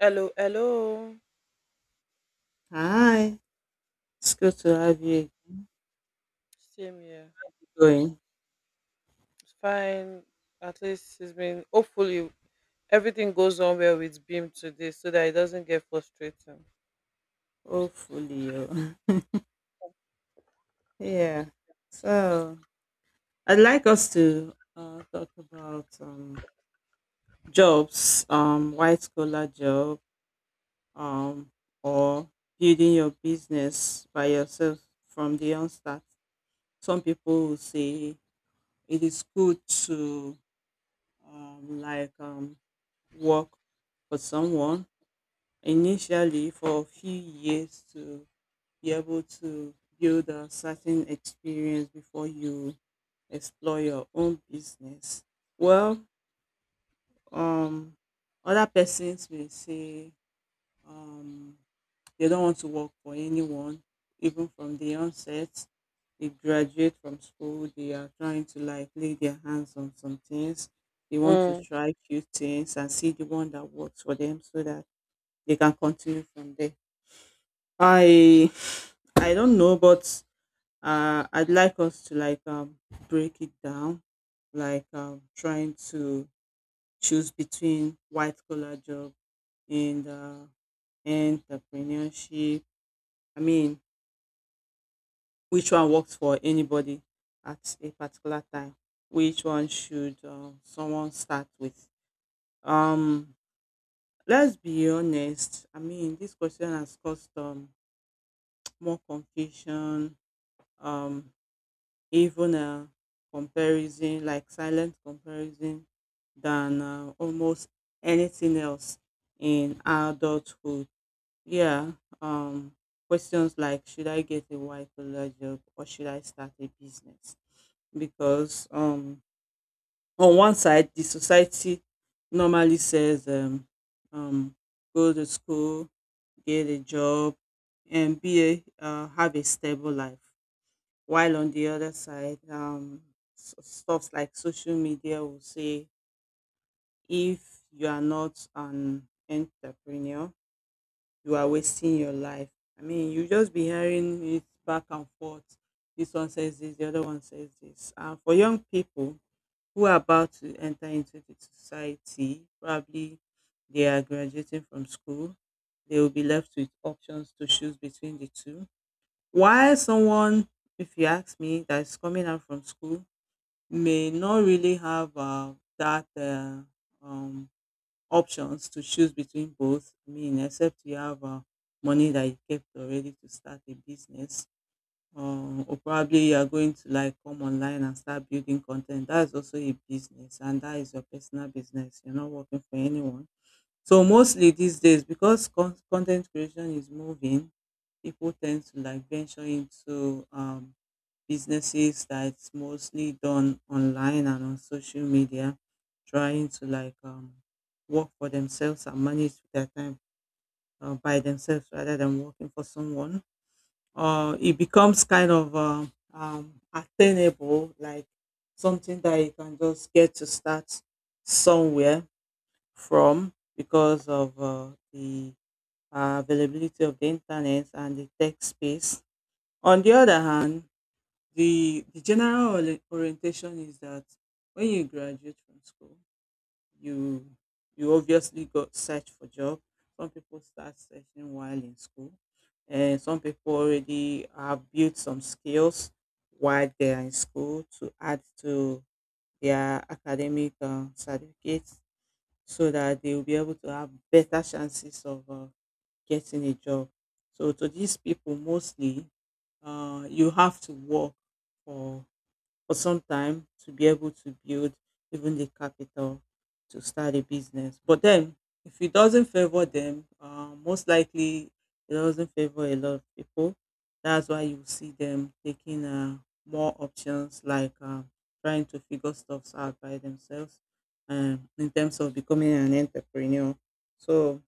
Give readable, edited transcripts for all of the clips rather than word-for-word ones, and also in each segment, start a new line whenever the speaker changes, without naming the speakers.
Hello, hello.
Hi, it's good to have you
Same here.
going.
It's fine. At least it's been. Hopefully, everything goes on well with Beam today, so that it doesn't get frustrating.
Hopefully, you. yeah. So I'd like us to talk about jobs, white collar job, um, or building your business by yourself from the onset. Some people will say it is good to um, like um, work for someone initially for a few years to be able to build a certain experience before you explore your own business. Well, um, other persons may say um, they don't want to work for anyone, even from the onset. They graduate from school, they are trying to like lay their hands on some things. They want to
Mm.
try few things and see the one that works for them so that they can continue from there. I I don't know, but I'd like us to like break it down, like trying to choose between white collar job and entrepreneurship. I mean, which one works for anybody at a particular time? Which one should someone start with? Um, let's be honest. I mean, this question has caused more confusion. Um, even comparison, like silent comparison, than almost anything else in adulthood. Yeah, um, questions like should I get a white collar job or should I start a business? Because on one side, the society normally says um, go to school, get a job, and have a stable life. While on the other side, stuff like social media will say if you are not an entrepreneur, you are wasting your life. I mean, you just be hearing it back and forth. This one says this, the other one says this. And for young people who are about to enter into the society, probably they are graduating from school, they will be left with options to choose between the two. While someone, if you ask me, that is coming out from school may not really have that um, options to choose between both. I mean, except you have money that you kept already to start a business, uh, or probably you are going to like come online and start building content. That is also a business, and that is your personal business. You're not working for anyone. So mostly these days, because content creation is moving, people tend to like venture into businesses that's mostly done online and on social media, trying to like work for themselves and manage their time by themselves rather than working for someone. It becomes kind of attainable, like something that you can just get to start somewhere from because of the availability of the internet and the tech space. On the other hand, the general orientation is that when you graduate from school, you you obviously go search for job. Some people start searching while in school, and some people already have built some skills while they are in school to add to their academic certificates, so that they will be able to have better chances of getting a job. So to these people, mostly, you have to work for for some time to be able to build even the capital to start a business. But then, if it doesn't favor them, most likely it doesn't favor a lot of people. That's why you see them taking more options like trying to figure stuff out by themselves in terms of becoming an entrepreneur. So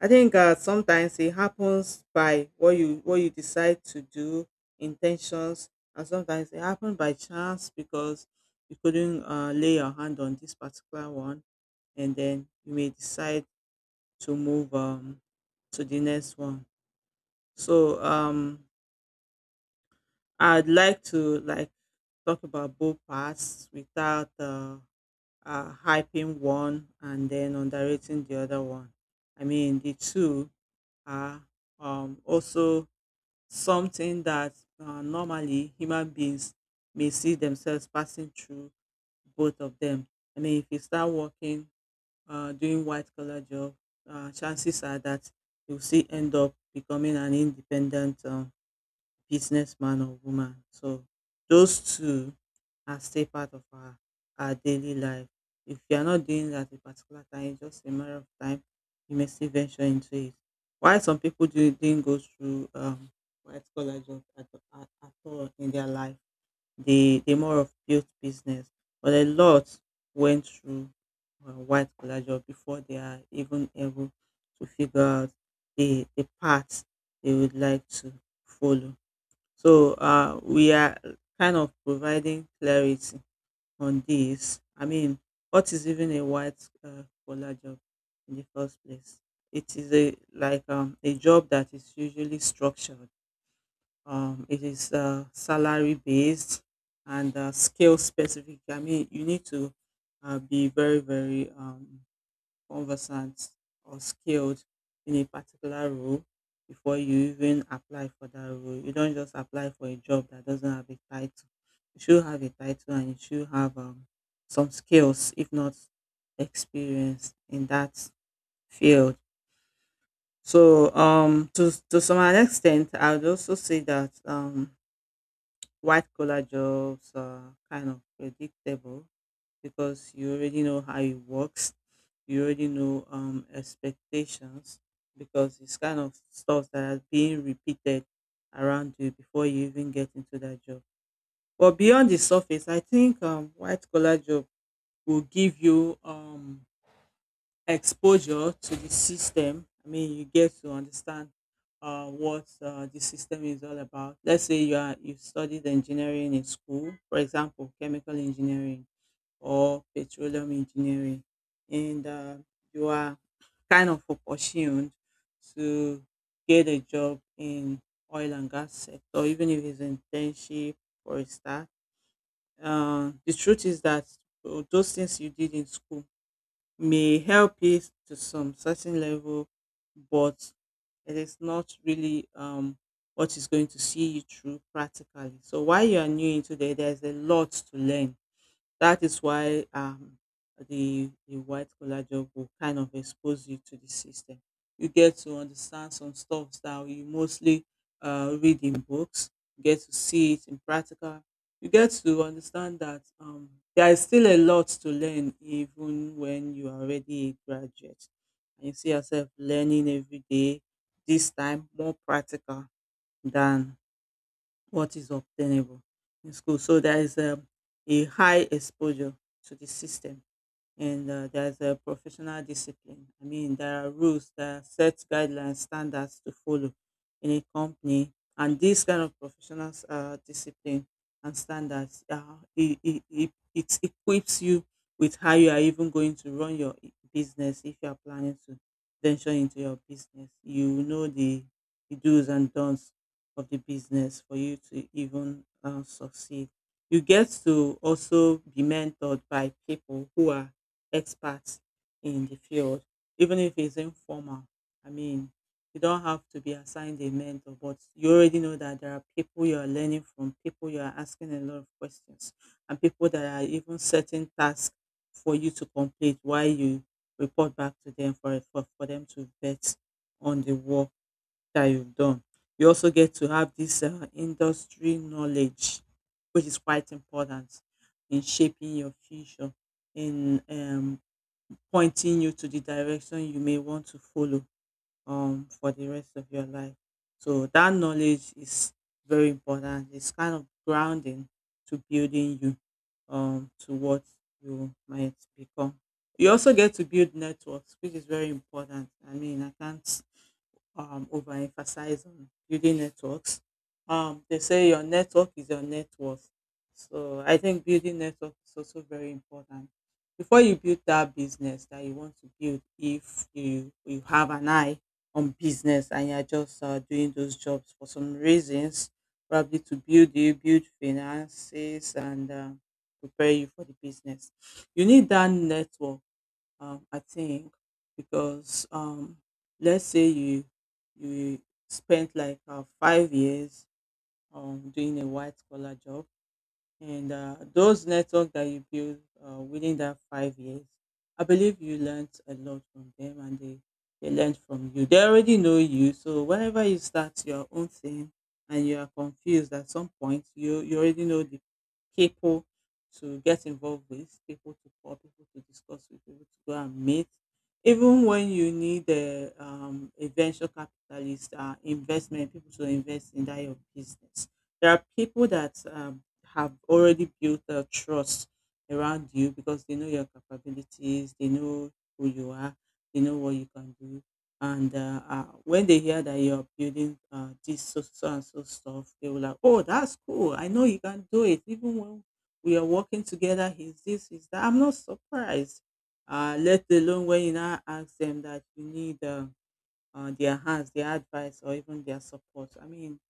I think sometimes it happens by what you decide to do, intentions, and sometimes it happened by chance because you couldn't lay your hand on this particular one and then you may decide to move to the next one, so I'd like to like talk about both parts without hyping one and then underrating the other one. I mean the two are also something that normally human beings may see themselves passing through both of them. I mean, if you start working, doing white collar job, chances are that you'll see end up becoming an independent businessman or woman. So those two are still part of our daily life. If you are not doing that at a particular time, it's just a matter of time. You may still venture into it. Why some people do, didn't go through white collar job at all in their life, they more of built business, but a lot went through white collar job before they are even able to figure out the path they would like to follow. So we are kind of providing clarity on this. I mean, what is even a white collar job in the first place? It is a like a job that is usually structured, it is salary based and skill specific. I mean, you need to be very, very conversant or skilled in a particular role before you even apply for that role. You don't just apply for a job that doesn't have a title. You should have a title and you should have some skills, if not experience in that field. So, to some extent, I would also say that white collar jobs are kind of predictable because you already know how it works. You already know expectations because it's kind of stuff that are being repeated around you before you even get into that job. But beyond the surface, I think white collar job will give you exposure to the system. I mean, you get to understand what the system is all about. Let's say you studied engineering in school, for example, chemical engineering or petroleum engineering, and you are kind of opportuned to get a job in oil and gas sector, even if it's internship or a start. The truth is that those things you did in school may help it to some certain level, but it is not really what is going to see you through practically. So while you are new into there, there's a lot to learn. That is why the white collar job will kind of expose you to the system. You get to understand some stuff that you mostly read in books. You get to see it in practical. You get to understand that there is still a lot to learn, even when you are already a graduate. And you see yourself learning every day. This time more practical than what is obtainable in school. So there is a high exposure to the system and there's a professional discipline. I mean, there are rules, there are set guidelines, standards to follow in a company, and this kind of professional discipline and standards, it equips you with how you are even going to run your business if you are planning to venture into your business. You will know the do's and don'ts of the business for you to even succeed. You get to also be mentored by people who are experts in the field, even if it's informal. I mean, you don't have to be assigned a mentor, but you already know that there are people you are learning from, people you are asking a lot of questions, and people that are even setting tasks for you to complete while you report back to them for them to vet on the work that you've done. You also get to have this industry knowledge, which is quite important in shaping your future in, pointing you to the direction you may want to follow for the rest of your life. So that knowledge is very important. It's kind of grounding to building you to what you might become. You also get to build networks, which is very important. I mean, I can't overemphasize on building networks. They say your network is your net worth. So I think building network is also very important. Before you build that business that you want to build, if you have an eye on business and you're just doing those jobs for some reasons, probably to build you, build finances, and prepare you for the business, you need that network, I think, because let's say you spent like 5 years doing a white collar job and those network that you build within that 5 years, I believe you learned a lot from them and they learned from you. They already know you. So whenever you start your own thing and you are confused at some point, you already know the people to get involved with, people to call, people to discuss with, people to go and meet. Even when you need a venture capitalist investment, people to invest in that your business. There are people that have already built a trust around you because they know your capabilities, they know who you are, they know what you can do. And when they hear that you're building this so, so and so stuff, they will like, oh, that's cool. I know you can do it. Even when we are working together, he's this, he's that. I'm not surprised. Let alone when you now ask them that you need their hands, their advice, or even their support. I mean,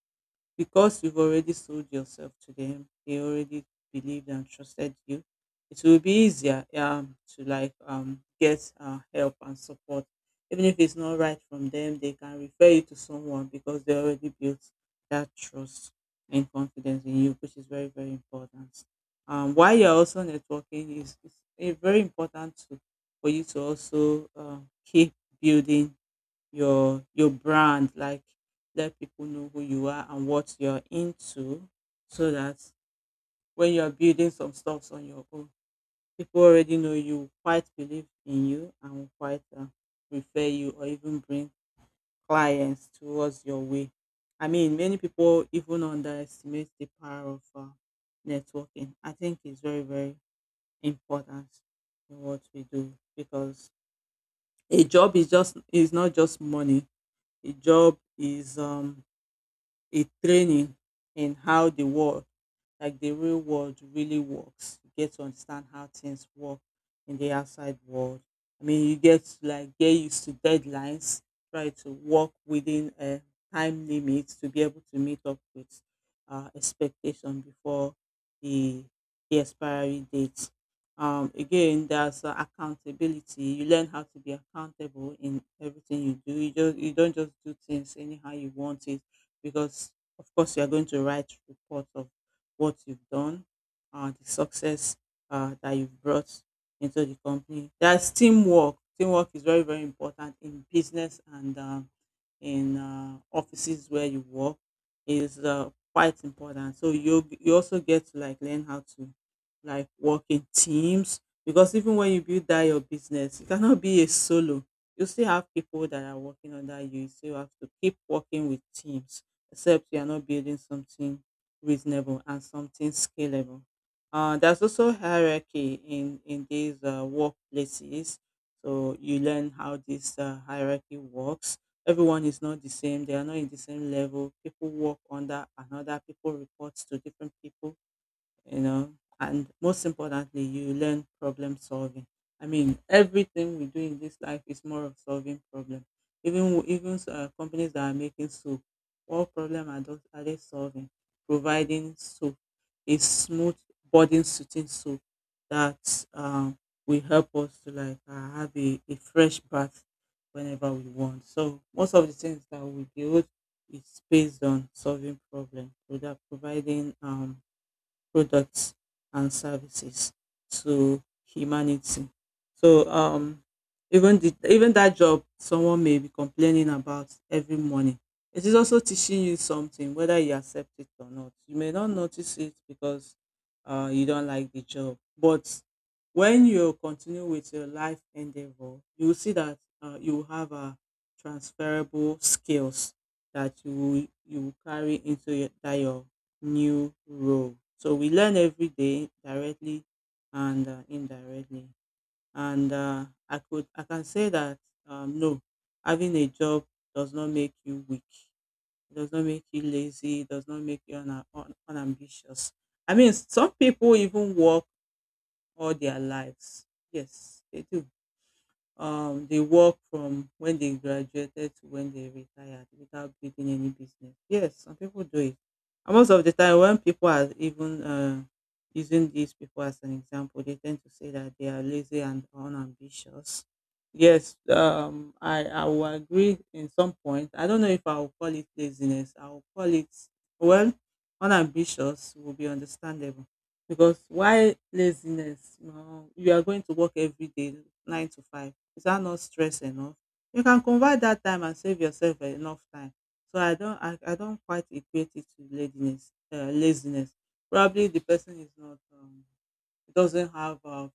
because you've already sold yourself to them, they already believed and trusted you. It will be easier to like get help and support. Even if it's not right from them, they can refer you to someone because they already built that trust and confidence in you, which is very, very important. While you're also networking, is it's very important to, for you to also keep building your brand, like let people know who you are and what you're into so that when you're building some stuffs on your own, people already know you, quite believe in you and will quite refer you or even bring clients towards your way. I mean, many people even underestimate the power of networking. I think it's very, very important in what we do because a job is not just money. A job is a training in how the war like the real world really works. You get to understand how things work in the outside world. I mean, you get to like get used to deadlines, try to work within a time limit to be able to meet up with expectation before the the expiry date. Again, there's accountability. You learn how to be accountable in everything you do. You don't just do things anyhow you want it because of course you are going to write reports of what you've done, the success that you've brought into the company. That's teamwork. Teamwork is very, very important in business and in offices where you work. It is quite important. So you also get to like learn how to like work in teams because even when you build that your business, you cannot be a solo. You still have people that are working under you. You still have to keep working with teams, except you are not building something reasonable and something scalable. There's also hierarchy in these workplaces, so you learn how this hierarchy works. Everyone is not the same; they are not in the same level. People work under another. People report to different people you know and most importantly, you learn problem solving. I mean, everything we do in this life is more of solving problem. Even companies that are making soap, what problem are those are they solving? Providing soap, a smooth body suiting soap that will help us to like have a fresh bath whenever we want. So most of the things that we build is based on solving problem. Without providing products and services to humanity. So even the even that job someone may be complaining about every morning, it is also teaching you something whether you accept it or not. You may not notice it because you don't like the job, but when you continue with your life endeavor, you will see that you have a transferable skills that you will carry into your new role. So we learn every day directly and indirectly. And I can say that no, having a job does not make you weak. It does not make you lazy. It does not make you unambitious. I mean, some people even work all their lives. Yes, they do. They work from when they graduated to when they retired without building any business. Yes, some people do it. And most of the time, when people are even using these people as an example, they tend to say that they are lazy and unambitious. Yes, I will agree in some point. I don't know if I will call it laziness. I will call it, well, unambitious will be understandable. Because why laziness? No, you are going to work every day, 9 to 5. Is that not stress enough? You can convert that time and save yourself enough time. So I don't quite equate it to laziness. Laziness. Probably the person is not doesn't have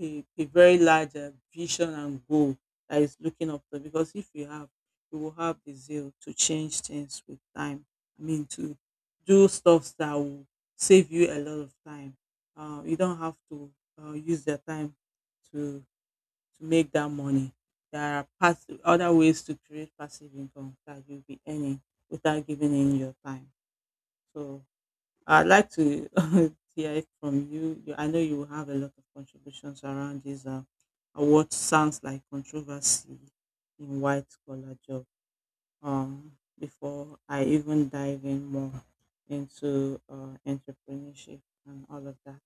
a very large vision and goal that is looking up to. Because if you have, you will have the zeal to change things with time. I mean, to do stuff that will save you a lot of time. You don't have to use your time to to make that money. There are other ways to create passive income that you'll be earning without giving in your time. So I'd like to hear it from you. I know you will have a lot of contributions around this what sounds like controversy in white collar job. Um, Before I even dive in more into entrepreneurship and all of that.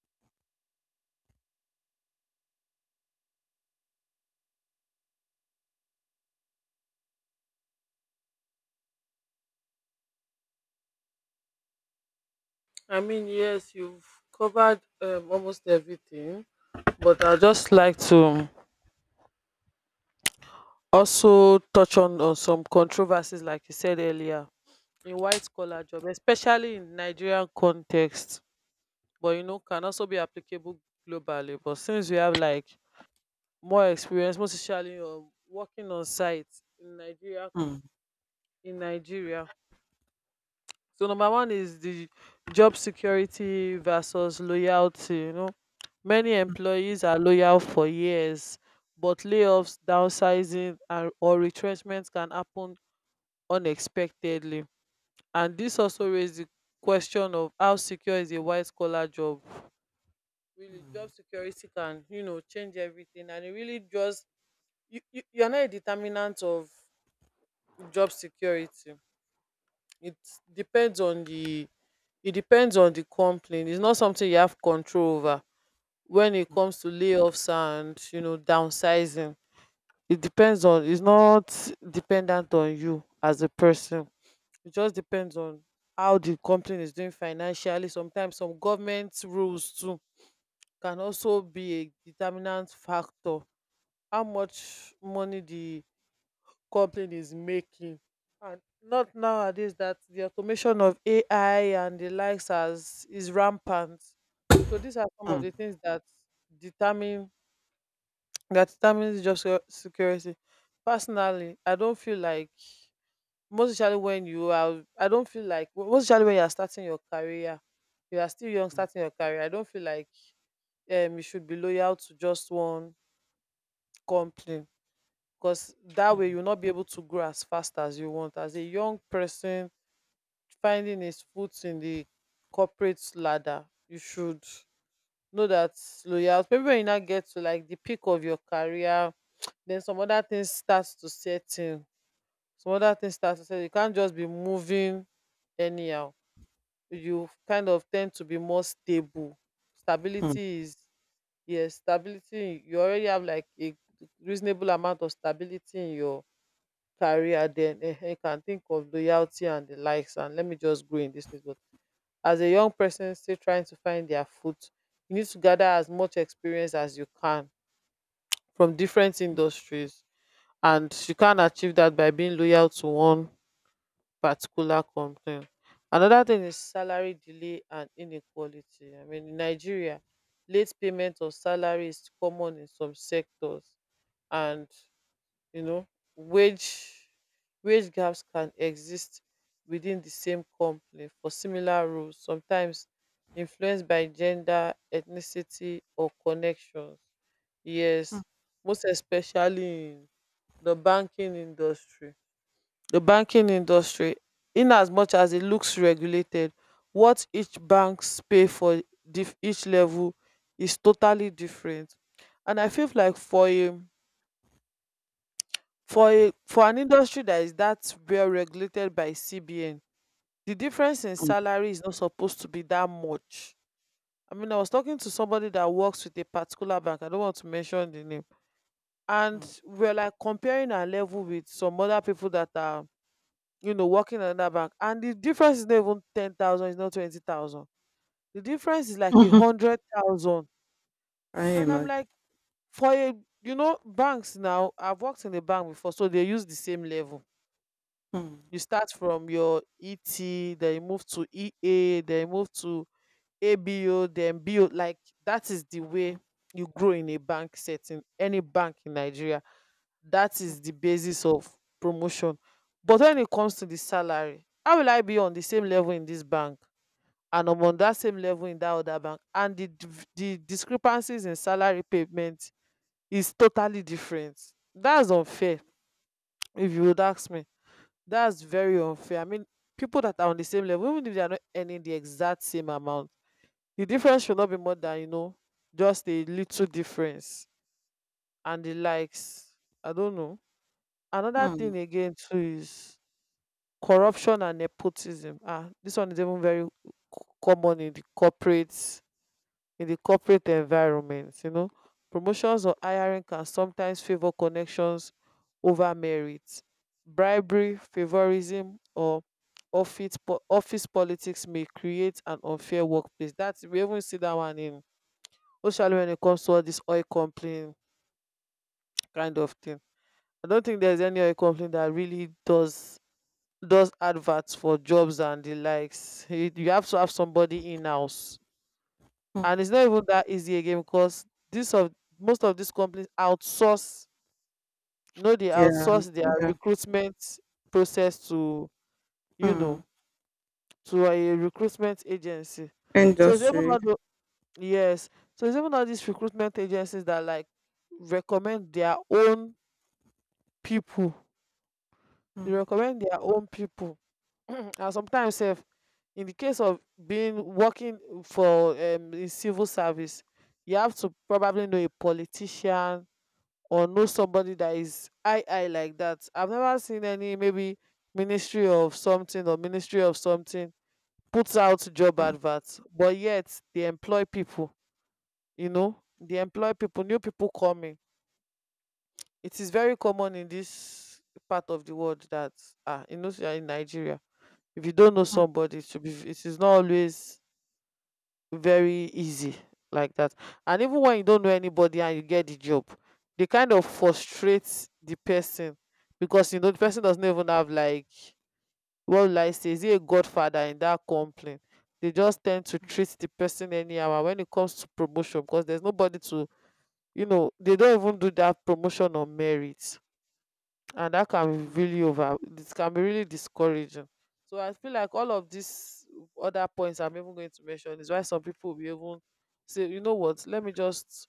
I mean, yes, you've covered almost everything, but I'd just like to also touch on some controversies, like you said earlier, in white collar job, especially in Nigerian context. But you know, can also be applicable globally. But since we have like more experience, most especially working on site in Nigeria.
Hmm.
In Nigeria, so number one is the job security versus loyalty. You know, many employees are loyal for years, but layoffs, downsizing, and or retrenchments can happen unexpectedly, and this also raises the question of how secure is a white collar job. Really, job security can, you know, change everything, and it really just, you're not a determinant of job security. It depends on the it depends on the company. It's not something you have control over when it comes to layoffs and, you know, downsizing. It's not dependent on you as a person. It just depends on how the company is doing financially. Sometimes some government rules too can also be a determinant factor, how much money the company is making, and not nowadays that the automation of AI and the likes as is rampant. So these are some of
Hmm.
the
Hmm.
things that determine that determines job security. Personally, I don't feel like, most especially when you are— I don't feel like, most especially when you are starting your career. You are still young, starting your career. I don't feel like you should be loyal to just one company, because that way you'll
Hmm.
not be able to grow as fast as you want. As a young person finding his foot in the corporate ladder, you should know that loyalty— maybe when you now get to like the peak of your career, then some other things starts to set in. Some other things starts to set. You can't just be moving anyhow. You kind of tend to be more stable.
Hmm.
Stability is— yes, stability. You already have like a reasonable amount of stability in your career, then you can think of loyalty and the likes, and let me just go in this place. But as a young person still trying to find their foot, you need to gather as much experience as you can from different industries, and you can achieve that by being loyal to one particular company. Another thing is salary delay and inequality. I mean, in Nigeria, late payment of salary is common in some sectors, and, you know, wage wage gaps can exist within the same company for similar roles, sometimes influenced by gender, ethnicity, or connections.
Hmm.
Yes, most especially in the banking industry. The banking industry, in as much as it looks regulated, what each banks pay for each level is totally different. And I feel like, for an industry that is that well regulated by CBN, the difference in salary is not supposed to be that much. I mean, I was talking to somebody that works with a particular bank. I don't want to mention the name.
Hmm.
And we're like comparing our level with some other people that are, you know, working in another bank. And the difference is not even 10,000, it's not 20,000. The difference is like a
Hmm.
100,000.
I
And I'm
imagine.
like, for a, you know, banks now, I've worked in a bank before, so they use the same level.
Mm,
You start from your ET, then you move to EA, then you move to ABO, then BO. Like, that is the way you grow in a bank setting, any bank in Nigeria. That is the basis of promotion. But when it comes to the salary, how will I be on the same level in this bank and I'm on that same level in that other bank, and the the discrepancies in salary payment is totally different. That's unfair, if you would ask me. That's very unfair. I mean, people that are on the same level, even if they are not earning the exact same amount, the difference should not be more than, you know, just a little difference and the likes. I don't know. Another
mm,
thing again too is corruption and nepotism. Ah, this one is even very common in the corporate environment. You know, promotions or hiring can sometimes favor connections over merit. Bribery, favorism, or office politics may create an unfair workplace. That we even see that one in, especially when it comes to all this oil company kind of thing. I don't think there's any oil company that really does adverts for jobs and the likes. You have to have somebody in house,
mm.
and it's not even that easy again, because this of— most of these companies outsource, you know, they
Yeah,
outsource their
yeah.
recruitment process to, you know,
Mm.
to a recruitment agency. So it's even
Industry.
not yes, so it's even not these recruitment agencies that, like, recommend their own people. They
Mm,
recommend their own people. And sometimes, if in the case of being working for in civil service, you have to probably know a politician or know somebody that is— I like that. I've never seen any— maybe ministry of something or ministry of something puts out job
mm,
adverts, but yet they employ people, you know, they employ people, new people coming. It is very common in this part of the world that, you know, say in Nigeria, if you don't know
mm,
somebody, it should be it is not always very easy like that. And even when you don't know anybody and you get the job, they kind of frustrate the person, because, you know, the person doesn't even have like— what will I say? Is he a godfather in that complaint? They just tend to treat the person anyhow, and when it comes to promotion, because there's nobody to, you know, they don't even do that promotion on merit. And that can be really over it can be really discouraging. So I feel like all of these other points I'm even going to mention is why some people will be even say, you know what, let me just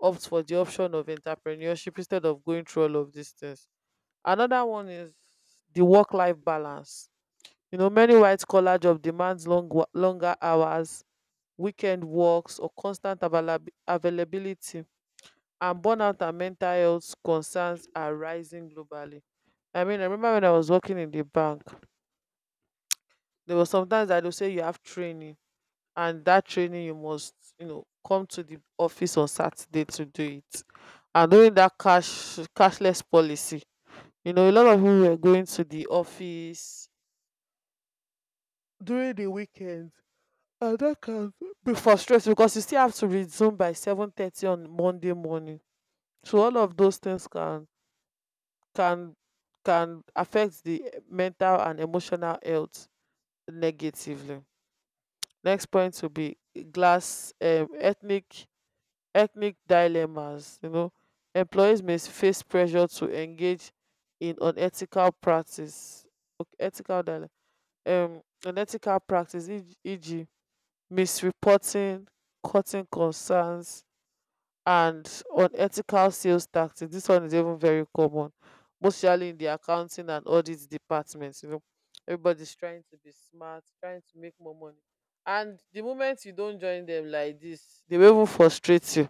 opt for the option of entrepreneurship instead of going through all of these things. Another one is the work life balance. You know, many white collar job demands longer hours, weekend works, or constant availability, and burnout and mental health concerns are rising globally. I mean, I remember when I was working in the bank, there was sometimes that they'll say you have training, and that training you must, you know, come to the office on Saturday to do it. And during that cashless policy, you know, a lot of people were going to the office during the weekend. And that can be frustrating because you still have to resume by 7:30 on Monday morning. So all of those things can can affect the mental and emotional health negatively. Next point will be glass ethnic dilemmas. You know, employees may face pressure to engage in unethical practice— okay, ethical dilemma, unethical practice, e.g. misreporting, cutting concerns, and unethical sales tactics. This one is even very common, mostly in the accounting and audit departments. You know, everybody's trying to be smart, trying to make more money. And the moment you don't join them like this, they will even frustrate you.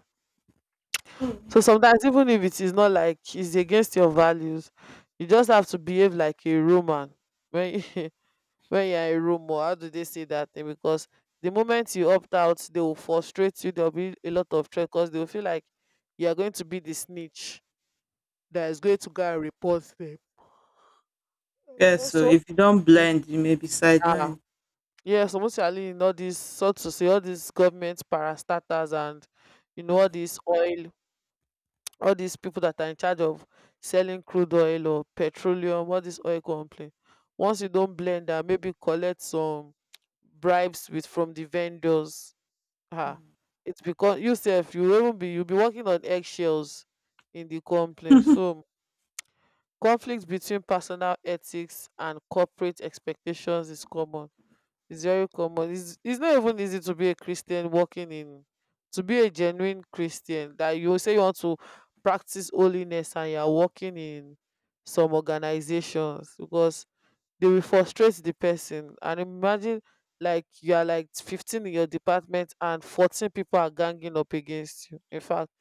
mm.
So sometimes, even if it is not like it's against your values, you just have to behave like a Roman when when you're in a room, or how do they say that thing? Because the moment you opt out, they will frustrate you. There'll be a lot of threat because they will feel like you are going to be the snitch that is going to go and report them.
Yeah, so
Also,
if you don't
mm,
blend, you may be
ah,
sidelined.
yes, mostly in all these, so to say, all these government parastatals, and, you know, all
Mm,
these oil, all these people that are in charge of selling crude oil or petroleum, all this oil company. Once you don't blend and maybe collect some bribes with from the vendors— Ah,
mm.
it's because you sef, you will not be you'll be walking on eggshells in the complaint. So conflict between personal ethics and corporate expectations is common. It's very common. It's not even easy to be a Christian walking in— to be a genuine Christian that you say you want to practice holiness and you're working in some organizations, because they will frustrate the person. And imagine like you are like 15 in your department and 14 people are ganging up against you. In fact,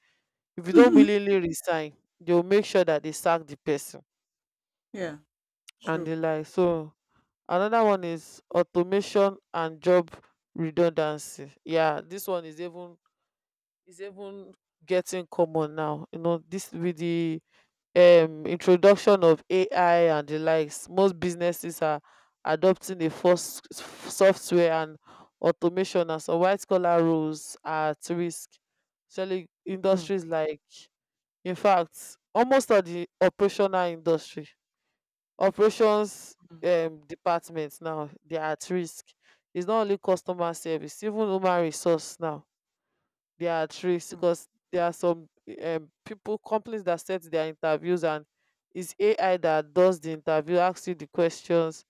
if you don't willingly resign, they will make sure that they sack the person
Yeah,
and
true.
the like. So another one is automation and job redundancy. Yeah, this one is even getting common now. You know, this with the introduction of AI and the likes, most businesses are adopting a first software and automation, and some white collar roles are at risk. Especially
Mm,
industries like— in fact, almost all the operational industry operations
mm,
department now, they are at risk. It's not only customer service, even human resource now. There are trees,
mm.
because there are some people— companies that set their interviews, and it's AI that does the interview, asks you the questions,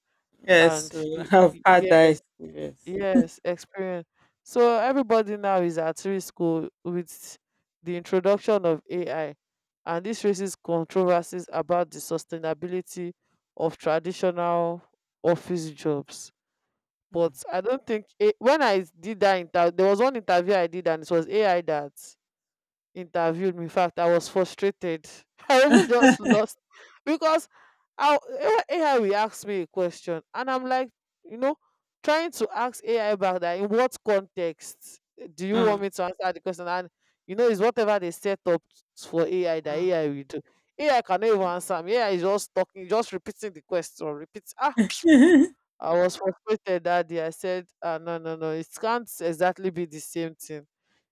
Yes,
and
so I've had that experience.
yes, experience. So everybody now is at risk o with the introduction of AI, and this raises controversies about the sustainability of traditional office jobs.
Mm,
But I don't think a when I did that interview, there was one interview I did and it was AI that interviewed me. In fact, I was frustrated. I even just lost, because I, AI will ask me a question, and I'm like, you know, trying to ask AI back that in what context do you want
mm,
me to answer the question. And you know, it's whatever they set up for AI that
mm.
AI will do. AI cannot even answer me. AI is just talking, just repeating the question, repeats. I was frustrated that day. I said, no, no, no, it can't exactly be the same thing.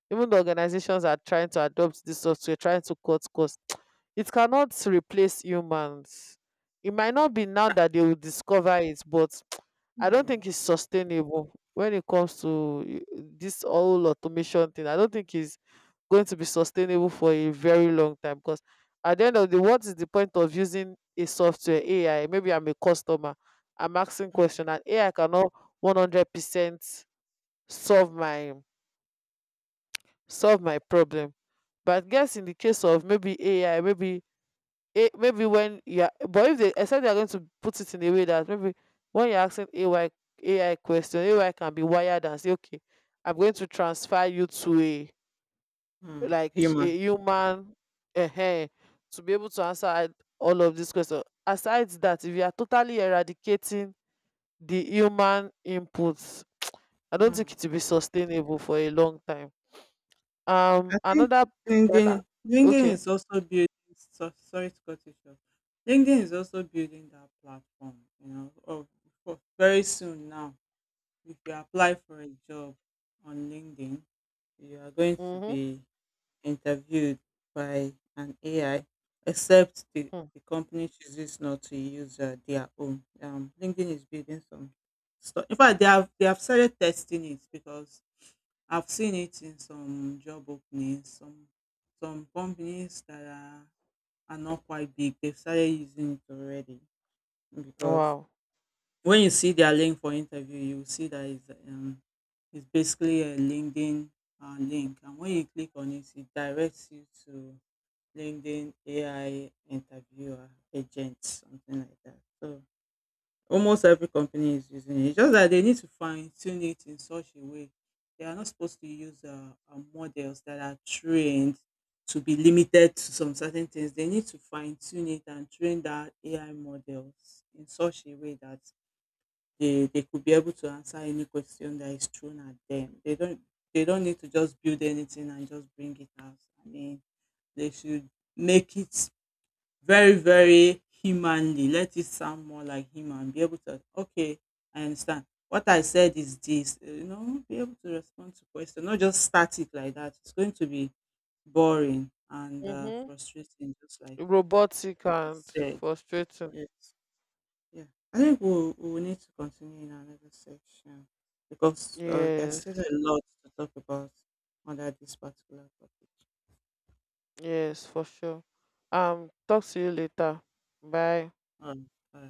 Even the organizations are trying to adopt this software, trying to cut costs, it cannot replace humans. It might not be now that they will discover it, but I don't think
Mm,
it's sustainable when it comes to this whole automation thing. I don't think it's going to be sustainable for a very long time, because at the end of the what is the point of using a software AI? Maybe I'm a customer, I'm asking
mm,
question and AI cannot 100% solve my solve my problem. But guess, in the case of maybe AI, maybe— a maybe when yeah, but if they— except they are going to put it in a way that maybe when you're asking AI question, AI can be wired and say, okay, I'm going to transfer you to a
mm.
like a
Human.
human uh, to be able to answer all of these questions. Aside that, if you are totally eradicating the human inputs, I don't think
Mm.
it will be sustainable for a long time. Um,
I think
another my la-
LinkedIn
okay.
is also building. So, sorry to cut you short. LinkedIn is also building that platform, for very soon now. If you apply for a job on LinkedIn, you are going to
Mm-hmm.
be interviewed by an AI, except the,
Hmm.
the company chooses not to use their own. LinkedIn is building some stuff. In fact, they have started testing it because I've seen it in some job openings, some companies that are not quite big, they've started using it already because
Wow.
when you see their link for interview, you will see that it's basically a LinkedIn link, and when you click on it, it directs you to LinkedIn AI interviewer agent, something like that. So almost every company is using it. It's just that they need to fine tune it in such a way. They are not supposed to use models that are trained to be limited to some certain things. They need to fine tune it and train that AI models in such a way that they could be able to answer any question that is thrown at them. They don't need to just build anything and just bring it out. I mean, they should make it very, very humanly. Let it sound more like him and be able to, okay, I understand. What I said is this, be able to respond to questions, not just start it like that. It's going to be boring and
Hmm.
frustrating, just like
Robotic
you
and
said.
frustrating.
Yes. Yeah. I think we'll need to continue in another section because there's still
Yes.
a lot to talk about under this particular topic.
Yes, for sure. Talk to you later. Bye.
Um, uh,